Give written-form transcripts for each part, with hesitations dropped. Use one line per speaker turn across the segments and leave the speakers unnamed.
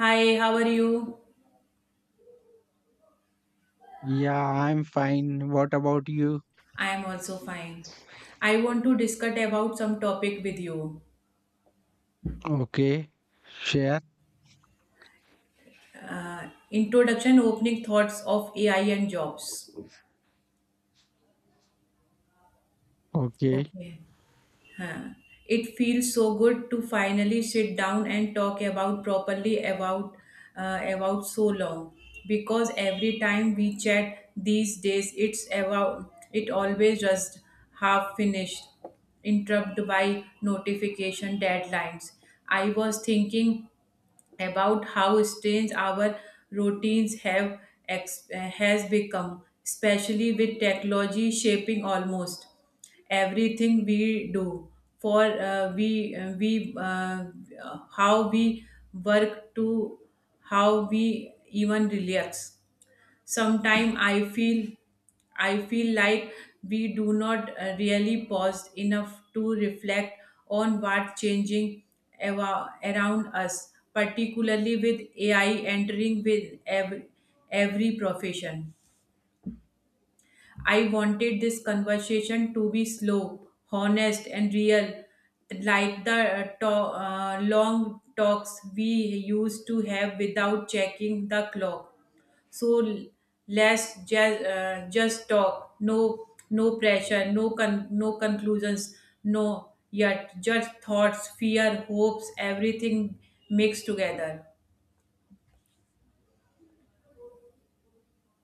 Hi, how are you?
Yeah, I'm fine. What about you?
I am also fine. I want to discuss about some topic with you.
Okay, share.
Introduction, opening thoughts of AI and jobs.
Okay.
Okay. Huh. It feels so good to finally sit down and talk about properly about so long, because every time we chat these days it always just half finished, interrupted by notification deadlines. I was thinking about how strange our routines have has become, especially with technology shaping almost everything we do. For we How we work to how we even relax. Sometimes I feel like we do not really pause enough to reflect on what's changing around us, particularly with AI entering with every profession. I wanted this conversation to be slow, honest, and real, like the long talks we used to have without checking the clock. So let's just talk. No, no pressure. No conclusions. No yet. Just thoughts, fear, hopes, everything mixed together.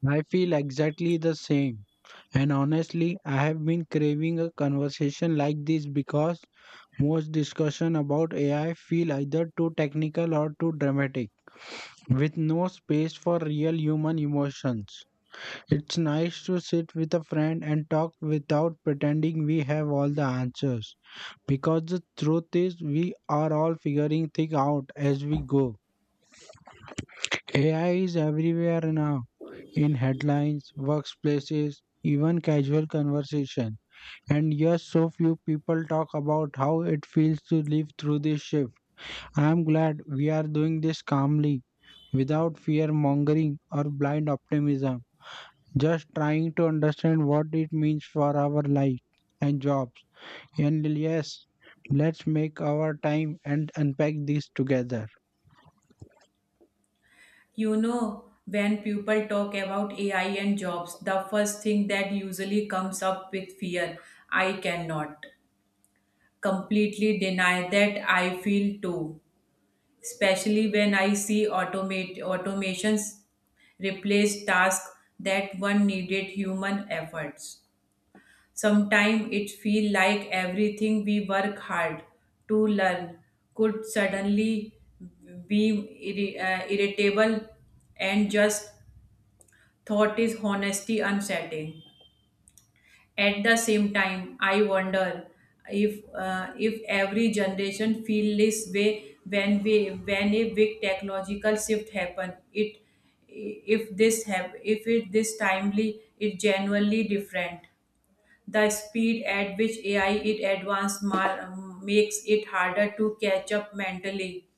I feel exactly the same. And honestly, I have been craving a conversation like this because most discussion about AI feel either too technical or too dramatic, with no space for real human emotions. It's nice to sit with a friend and talk without pretending we have all the answers, because the truth is we are all figuring things out as we go. AI is everywhere now, in headlines, workplaces, even casual conversation. And yes, so few people talk about how it feels to live through this shift. I am glad we are doing this calmly, without fear mongering or blind optimism, just trying to understand what it means for our life and jobs. And yes, let's make our time and unpack this together.
You know, when people talk about AI and jobs, the first thing that usually comes up with fear. I cannot completely deny that I feel too, especially when I see automate automations replace tasks that one needed human efforts. Sometimes it feels like everything we work hard to learn could suddenly be irritable and just. Thought is honesty unsettling. At the same time, I wonder if every generation feel this way when we when a big technological shift happen. It if this have if it this timely it genuinely different. The speed at which AI it advanced makes it harder to catch up mentally,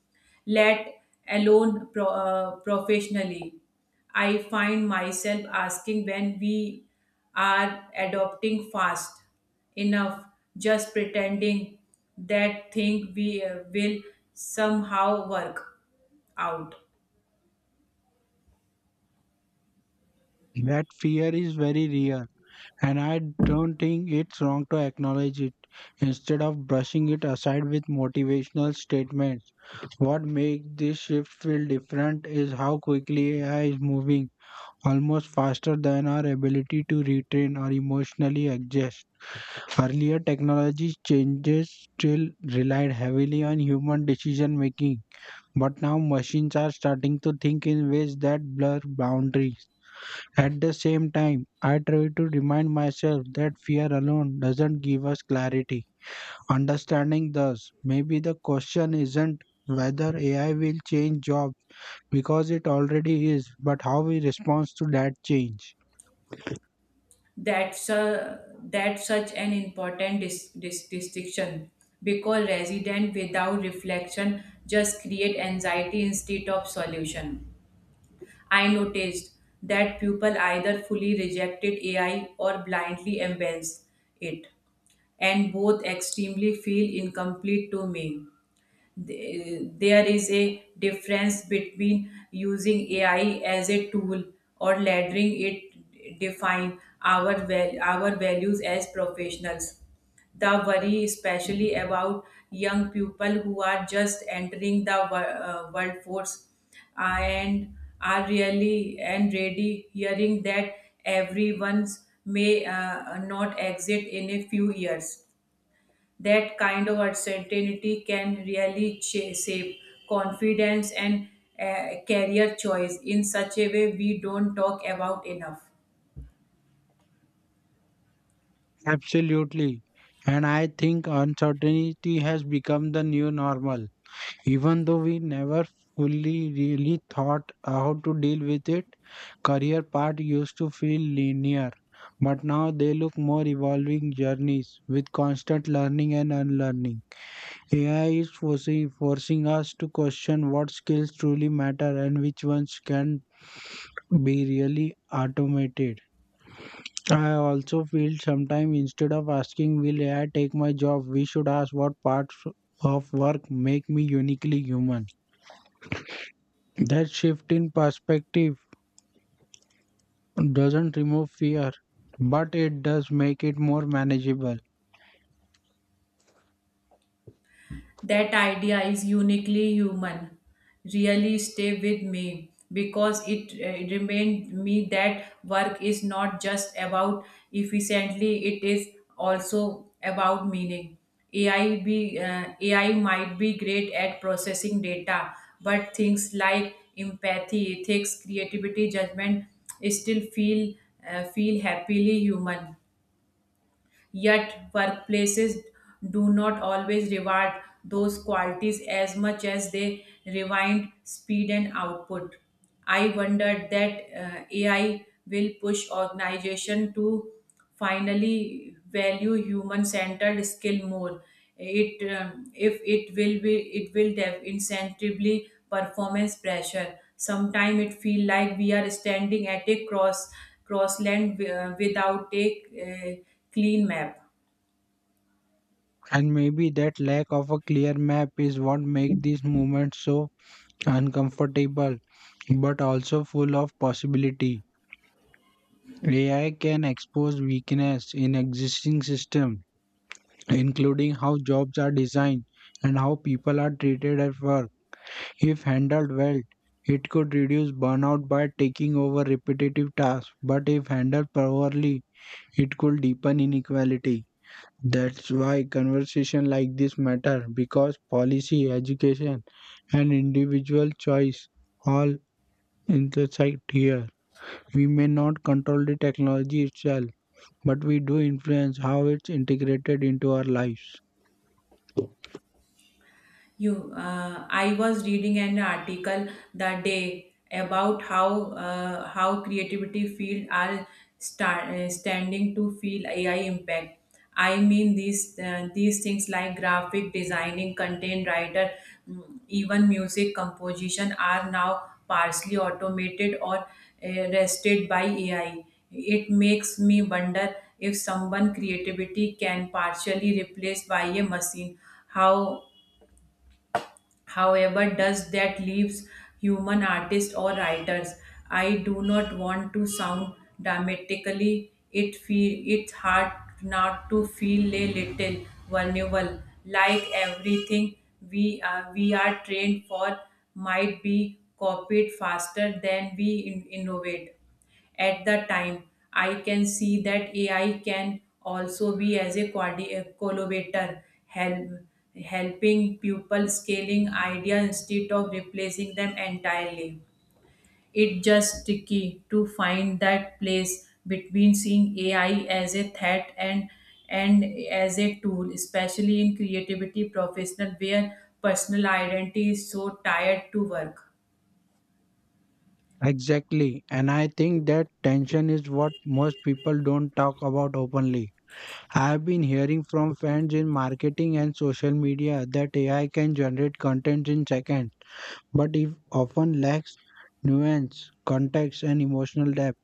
let alone professionally. I find myself asking when we are adopting fast enough, just pretending that thing we will somehow work out.
That fear is very real. And I don't think it's wrong to acknowledge it instead of brushing it aside with motivational statements. What makes this shift feel different is how quickly AI is moving, almost faster than our ability to retrain or emotionally adjust. Earlier, technology changes still relied heavily on human decision making, but now machines are starting to think in ways that blur boundaries. At the same time, I try to remind myself that fear alone doesn't give us clarity. Understanding thus, maybe the question isn't whether AI will change jobs because it already is, but how we respond to that change.
that su- that such an important distinction, because resident without reflection just create anxiety instead of solution. I noticed that people either fully rejected AI or blindly embrace it, and both extremely feel incomplete to me. There is a difference between using AI as a tool or letting it define our values as professionals. The worry, especially about young people who are just entering the workforce, and are really and ready hearing that everyone's may not exit in a few years, that kind of uncertainty can really shape confidence and career choice in such a way we don't talk about enough.
Absolutely. And I think uncertainty has become the new normal. Even though we never fully really thought how to deal with it, career path used to feel linear, but now they look more evolving journeys with constant learning and unlearning. AI is forcing us to question what skills truly matter and which ones can be really automated. I also feel sometimes instead of asking, will AI take my job? We should ask what parts of work make me uniquely human. That shift in perspective doesn't remove fear, but it does make it more manageable.
That idea is uniquely human, really stay with me, because it remained me that work is not just about efficiently, it is also about meaning. AI might be great at processing data, but things like empathy, ethics, creativity, judgment still feel happily human. Yet, workplaces do not always reward those qualities as much as they rewind speed and output. I wondered that AI will push organization to finally value human-centered skill more. It If it will be it will incentively performance pressure. Sometimes it feel like we are standing at a crossland without a uh, clean map.
And maybe that lack of a clear map is what makes these movements so uncomfortable, but also full of possibility. AI can expose weakness in existing systems, including how jobs are designed and how people are treated at work. If handled well, it could reduce burnout by taking over repetitive tasks, but if handled poorly, it could deepen inequality. That's why conversation like this matter, because policy, education, and individual choice all intersect here. We may not control the technology itself, but we do influence how it's integrated into our lives.
You I was reading an article the day about how creativity field are standing to feel AI impact. I mean these things like graphic designing content writer, mm, even music composition are now partially automated or rested by AI. It makes me wonder if someone creativity can partially replaced by a machine, how. However, does that leaves human artists or writers? I do not want to sound dramatically. It's hard not to feel a little vulnerable, like everything we are trained for might be copied faster than we innovate. At the time, I can see that AI can also be as a a collaborator, helping people scaling idea instead of replacing them entirely. It's just tricky to find that place between seeing AI as a threat and as a tool, especially in creativity professional where personal identity is so tied to work.
Exactly. And I think that tension is what most people don't talk about openly. I have been hearing from friends in marketing and social media that AI can generate content in seconds, but it often lacks nuance, context, and emotional depth.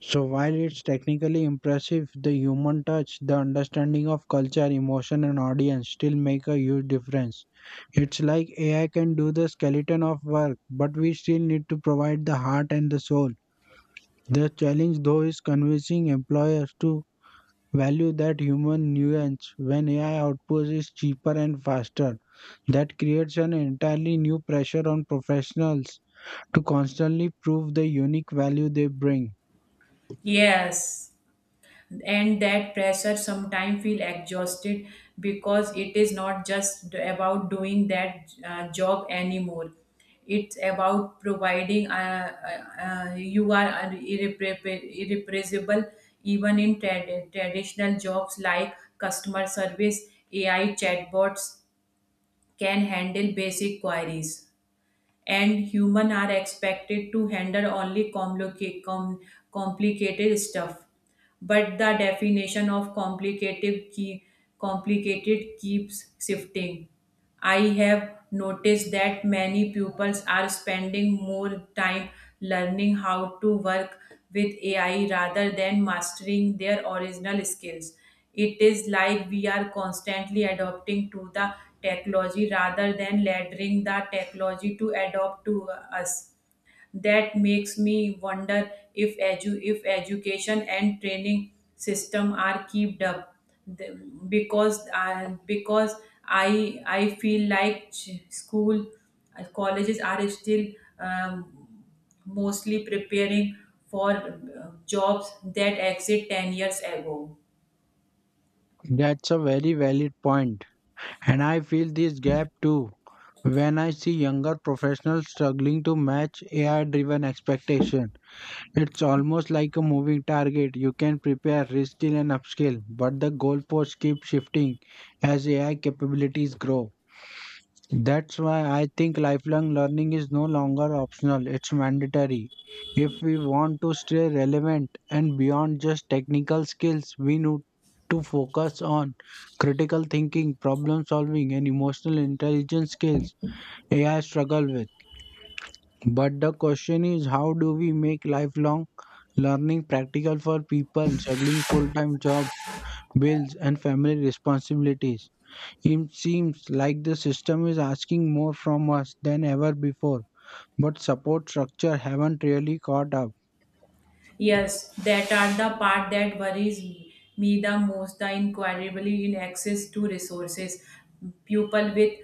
So, while it's technically impressive, the human touch, the understanding of culture, emotion, and audience still make a huge difference. It's like AI can do the skeleton of work, but we still need to provide the heart and the soul. The challenge, though, is convincing employers to value that human nuance when AI output is cheaper and faster. That creates an entirely new pressure on professionals to constantly prove the unique value they bring.
Yes. And that pressure sometimes feel exhausted, because it is not just about doing that job anymore. It's about providing you are irreparable, irrepressible. Even in traditional jobs like customer service AI chatbots can handle basic queries, and human are expected to handle only complicated stuff, but the definition of complicated keeps shifting. I have noticed that many pupils are spending more time learning how to work with AI rather than mastering their original skills. It is like we are constantly adopting to the technology rather than letting the technology to adopt to us. That makes me wonder if education and training system are kept up. The- because uh, because I I feel like ch- school colleges are still um, mostly preparing for jobs that exist 10 years ago.
That's a very valid point. And I feel this gap too when I see younger professionals struggling to match AI driven expectation. It's almost like a moving target. You can prepare, reskill, and upskill, but the goalposts keep shifting as AI capabilities grow. That's why I think lifelong learning is no longer optional, it's mandatory. If we want to stay relevant and beyond just technical skills, we need to focus on critical thinking, problem solving, and emotional intelligence skills AI struggle with. But the question is, how do we make lifelong learning practical for people juggling full time job, bills, and family responsibilities? It seems like the system is asking more from us than ever before, but support structure haven't really caught up.
Yes, that are the part that worries me the most, the inquiry in access to resources. People with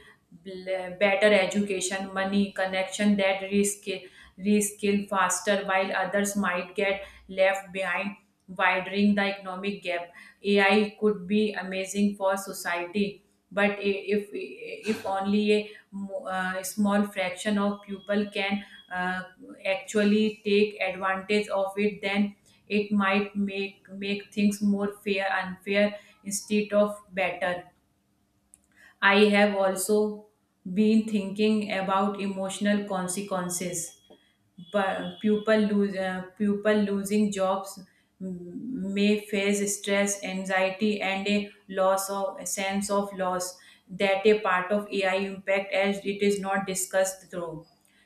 better education, money, connection that reskill faster while others might get left behind, widening the economic gap. AI could be amazing for society, but if only a small fraction of people can uh, actually take advantage of it, then it might make things more fair unfair instead of better. I have also been thinking about emotional consequences, but pupil lose people losing jobs, may face stress, anxiety, and a loss of a sense of loss that a part of AI impact as it is not discussed through.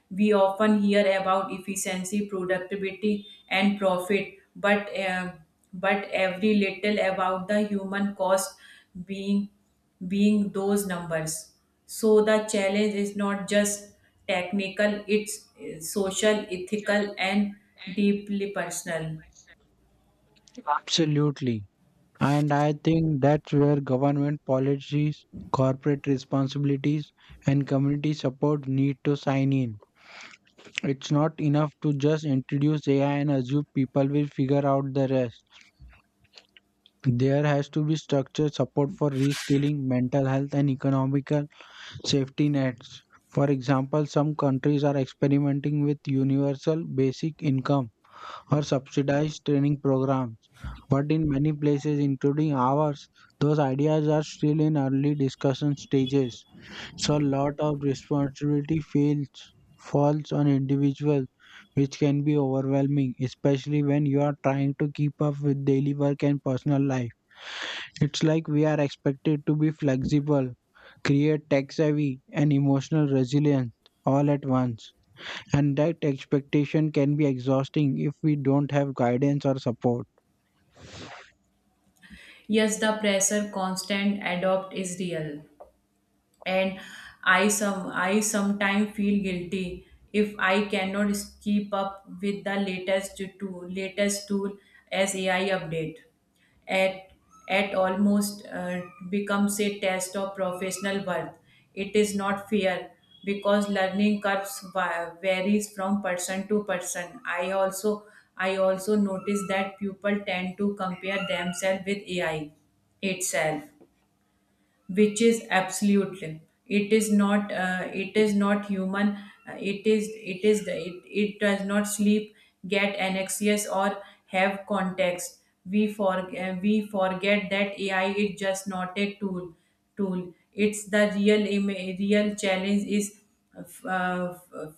We often hear about efficiency, productivity, and profit, but but every little about the human cost being being those numbers. So the challenge is not just technical; it's social, ethical, and deeply personal.
Absolutely. And I think that's where government policies, corporate responsibilities, and community support need to sign in. It's not enough to just introduce AI and assume people will figure out the rest. There has to be structured support for reskilling, mental health, and economic safety nets. For example, some countries are experimenting with universal basic income or subsidized training programs. But in many places, including ours, those ideas are still in early discussion stages. So a lot of responsibility feels falls on individuals, which can be overwhelming, especially when you are trying to keep up with daily work and personal life. It's like we are expected to be flexible, create tech savvy, and emotional resilience all at once. And that expectation can be exhausting if we don't have guidance or support.
Yes, the pressure constant adopt is real. And I sometimes feel guilty if I cannot keep up with the latest tool as AI update at at almost becomes a test of professional worth. It is not fair, because learning curves varies from person to person. I also notice that people tend to compare themselves with AI itself, which is absolutely it is not human. It is the it does not sleep, get anxious or have context. We forget that AI is just not a tool. It's the real challenge is uh,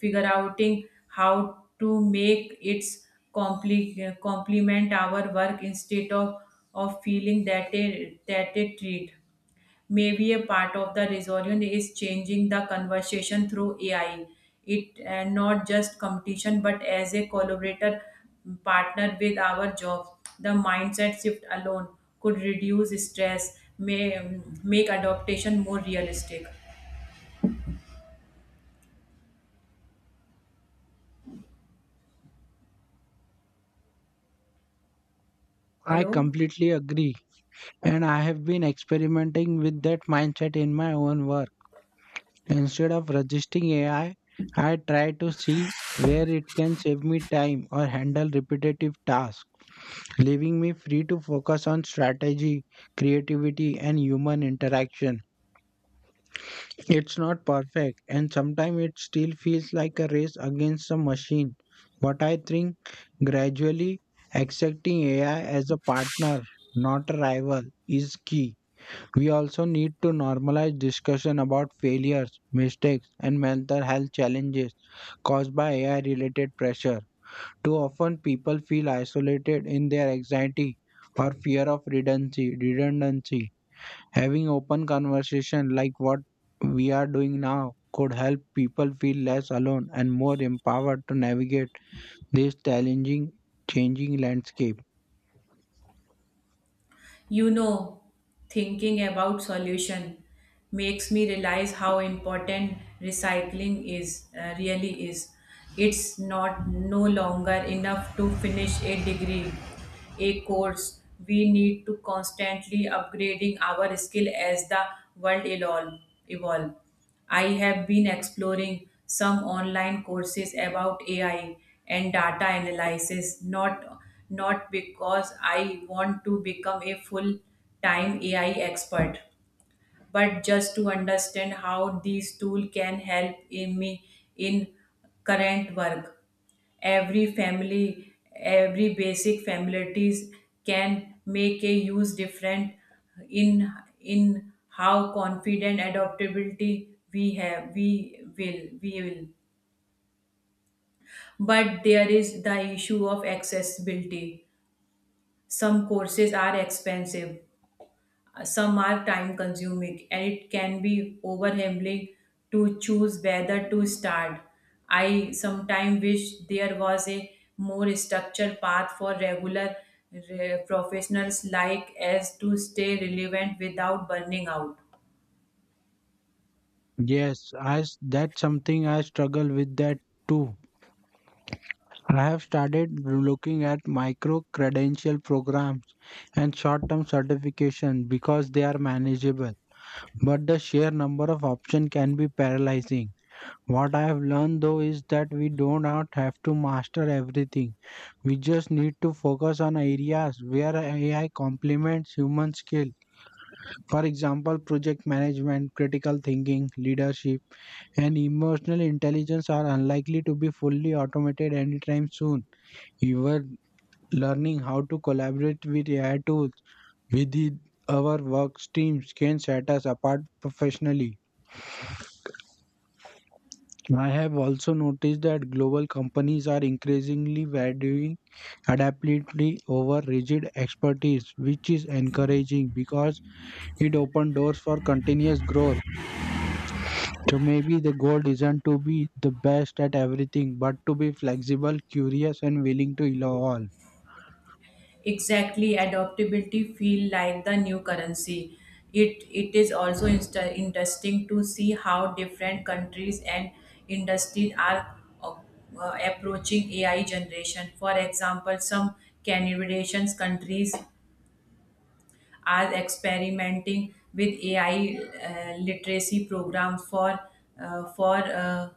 figure outing how to make its complement our work instead of feeling that a that a treat. Maybe a part of the resolution is changing the conversation through AI. It and not just competition, but as a collaborator partner with our job. The mindset shift alone could reduce stress, may make adaptation more realistic.
I
Hello.
completely agree. And I have been experimenting with that mindset in my own work. Instead of resisting AI, I try to see where it can save me time or handle repetitive tasks, leaving me free to focus on strategy, creativity, and human interaction. It's not perfect, and sometimes it still feels like a race against a machine, but I think gradually accepting AI as a partner, not a rival, is key. We also need to normalize discussion about failures, mistakes, and mental health challenges caused by AI related pressure. Too often, people feel isolated in their anxiety or fear of redundancy. Having open conversation like what we are doing now could help people feel less alone and more empowered to navigate this challenging, changing landscape.
You know, thinking about solution makes me realize how important recycling is really is. It's not no longer enough to finish a degree, a course. We need to constantly upgrading our skill as the world evolve. I have been exploring some online courses about AI and data analysis, not because I want to become a full time AI expert, but just to understand how these tools can help in me in current work. Every family every basic families can make a huge difference in in how confident adaptability we have we will, but there is the issue of accessibility. Some courses are expensive. Some are time consuming and it can be overwhelming to choose whether to start. I sometimes wish there was a more structured path for regular professionals like as to stay relevant without burning out.
Yes, that's something I struggle with that too. I have started looking at micro credential programs and short term certification because they are manageable. But the sheer number of options can be paralyzing. What I have learned though is that we do not have to master everything. We just need to focus on areas where AI complements human skill. For example, project management, critical thinking, leadership, and emotional intelligence are unlikely to be fully automated anytime soon. Even learning how to collaborate with AI tools within our work streams can set us apart professionally. I have also noticed that global companies are increasingly valuing adaptability over rigid expertise, which is encouraging because it opens doors for continuous growth. So maybe the goal isn't to be the best at everything, but to be flexible, curious, and willing to evolve.
Exactly adaptability feel like the new currency. It is also interesting to see how different countries and industries are uh, approaching AI generation. For example, some canadian countries are experimenting with AI literacy programs for uh, for uh,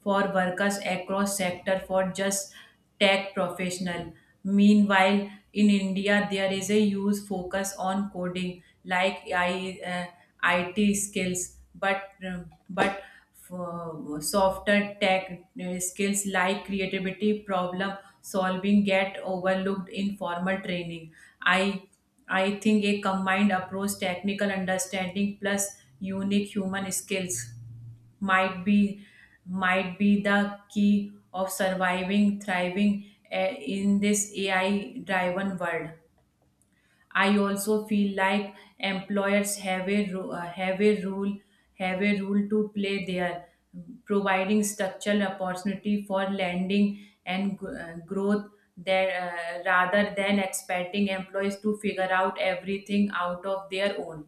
for workers across sector for just tech professional. Meanwhile, in India, there is a huge focus on coding, like IT skills, but but for softer tech skills like creativity, problem solving get overlooked in formal training. I I think a combined approach, technical understanding plus unique human skills might be might be the key of surviving thriving in this AI driven world. I also feel like employers have a ru- have a rule to play there, providing structural opportunity for landing and growth there, rather than expecting employees to figure out everything out of their own.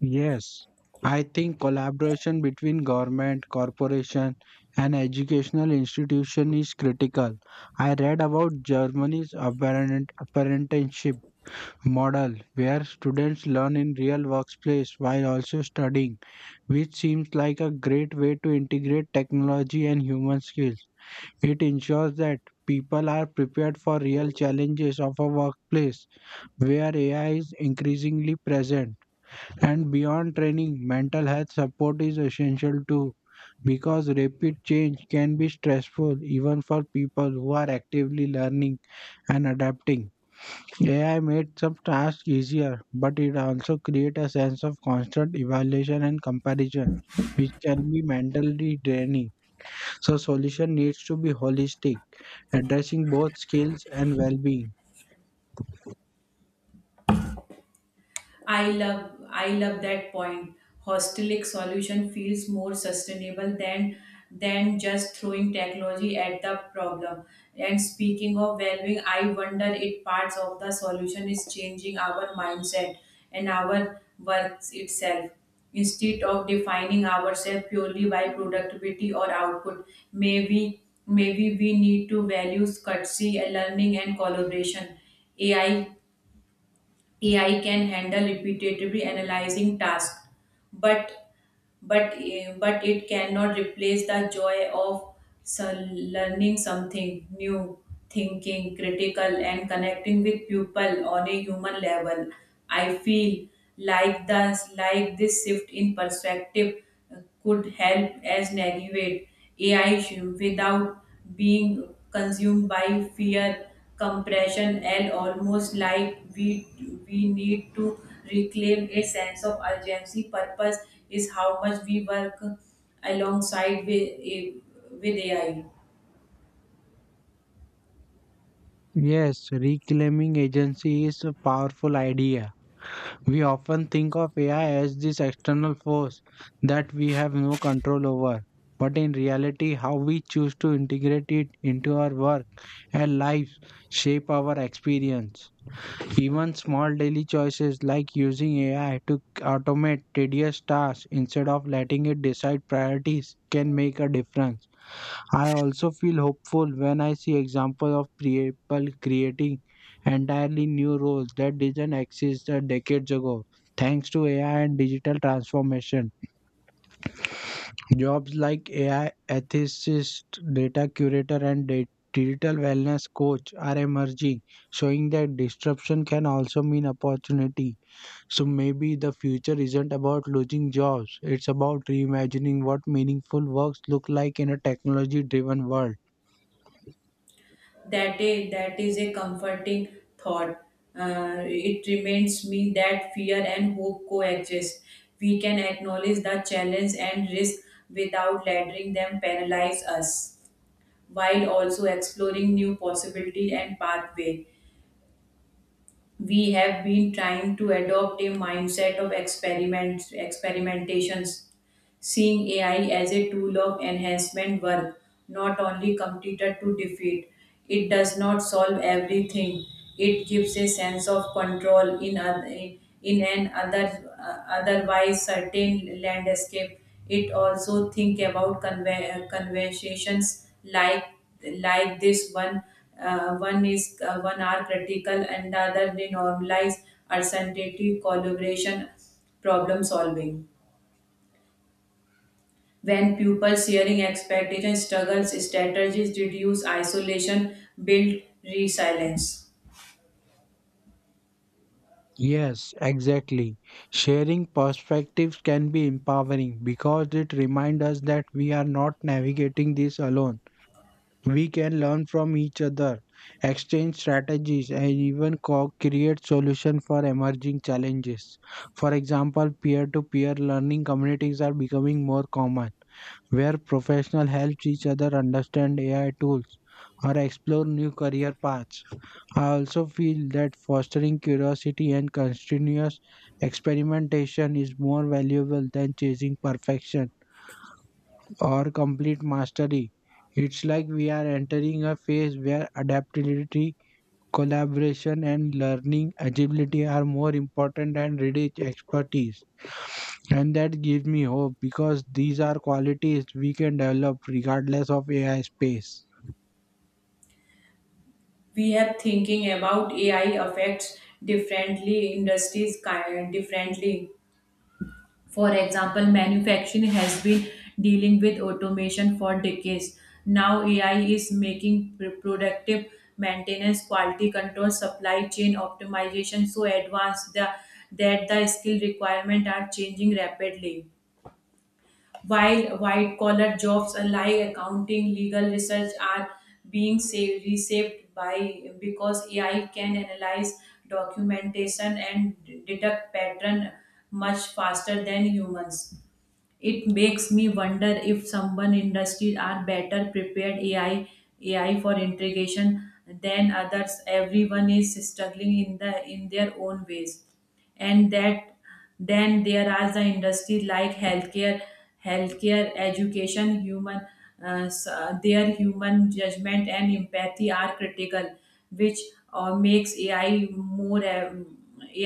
Yes, I think collaboration between government, corporation, and educational institution is critical. I read about Germany's apprenticeship model where students learn in real workplace while also studying, which seems like a great way to integrate technology and human skills. It ensures that people are prepared for real challenges of a workplace where AI is increasingly present. And beyond training, mental health support is essential too, because rapid change can be stressful even for people who are actively learning and adapting. AI made some tasks easier, but it also creates a sense of constant evaluation and comparison, which can be mentally draining. So solution needs to be holistic, addressing both skills and well-being.
I love that point. Hostelic solution feels more sustainable than just throwing technology at the problem. And speaking of valuing, I wonder if parts of the solution is changing our mindset and our works itself. Instead of defining ourselves purely by productivity or output, maybe we need to value courtesy, learning, and collaboration. AI AI can handle repetitively analyzing tasks, but but it cannot replace the joy of learning something new, thinking critical, and connecting with people on a human level. I feel like this shift in perspective could help as navigate AI issue without being consumed by fear, compression, and almost like we need to reclaim a sense of urgency. Purpose is how much we work alongside with AI.
Yes, reclaiming agency is a powerful idea. We often think of AI as this external force that we have no control over. But in reality, how we choose to integrate it into our work and lives shape our experience. Even small daily choices like using AI to automate tedious tasks instead of letting it decide priorities can make a difference. I also feel hopeful when I see examples of people creating entirely new roles that didn't exist a decades ago. Thanks to AI and digital transformation, jobs like AI ethicist, data curator, and digital wellness coach are emerging, showing that disruption can also mean opportunity. So maybe the future isn't about losing jobs, it's about reimagining what meaningful works look like in a technology driven world.
That is a comforting thought. It reminds me that fear and hope coexist. We can acknowledge the challenge and risk without letting them paralyze us, while also exploring new possibility and pathway. We have been trying to adopt a mindset of experimentations, seeing AI as a tool of enhancement work, not only completed to defeat. It does not solve everything. It gives a sense of control in an other otherwise certain landscape. It also think about conversations like this one. One is one are critical and the other they normalize uncertainty, collaboration, problem solving. When pupils sharing expectations, struggles, strategies reduce isolation, build resilience.
Yes, exactly. Sharing perspectives can be empowering because it reminds us that we are not navigating this alone. We can learn from each other, exchange strategies, and even create solutions for emerging challenges. For example, peer to peer learning communities are becoming more common, where professionals help each other understand AI tools or explore new career paths. I also feel that fostering curiosity and continuous experimentation is more valuable than chasing perfection or complete mastery. It's like we are entering a phase where adaptability, collaboration, and learning agility are more important than rigid expertise. And that gives me hope because these are qualities we can develop regardless of AI space.
We have thinking about AI affects differently industries kind differently. For example, manufacturing has been dealing with automation for decades. Now AI is making productive maintenance, quality control, supply chain optimization so advanced that the skill requirements are changing rapidly. While white collar jobs like accounting, legal research are being saved, reshaped by because AI can analyze documentation and detect pattern much faster than humans. It makes me wonder if someone industries are better prepared AI for integration than others. Everyone is struggling in their own ways, and that then there are the industry like healthcare education human their human judgment and empathy are critical, which makes AI more um,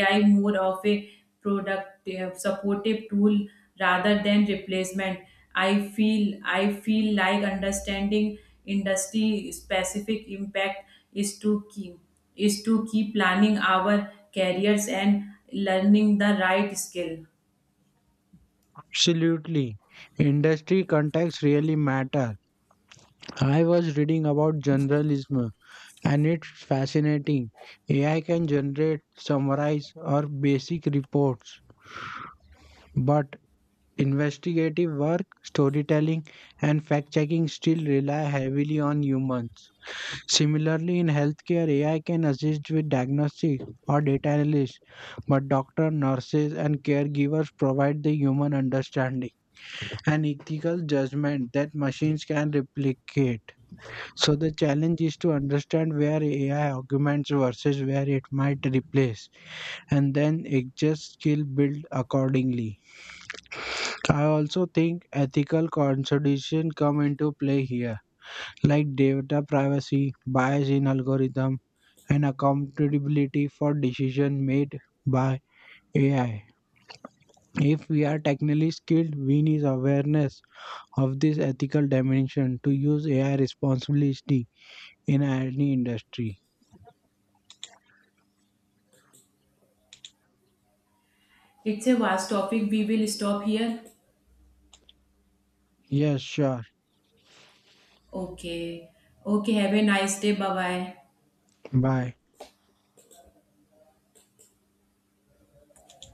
ai more of a productive supportive tool rather than replacement. I feel i feel like understanding industry specific impact is to keep is to keep planning our careers and learning the right skill.
Absolutely. Industry context really matter. I was reading about journalism and it's fascinating. AI can generate, summarize, or basic reports, but investigative work, storytelling, and fact checking still rely heavily on humans. Similarly, in healthcare, AI can assist with diagnostics or data analysis, but doctors, nurses, and caregivers provide the human understanding and ethical judgment that machines can replicate. So the challenge is to understand where AI augments versus where it might replace, and then adjust skill build accordingly. I also think ethical consideration come into play here, like data privacy, bias in algorithm, and accountability for decision made by AI. If we are technically skilled, we need awareness of this ethical dimension to use AI responsibly in any industry.
It's a vast topic. We will stop here.
Yes, sure.
Okay. Okay. Have a nice day. Bye bye.
Bye.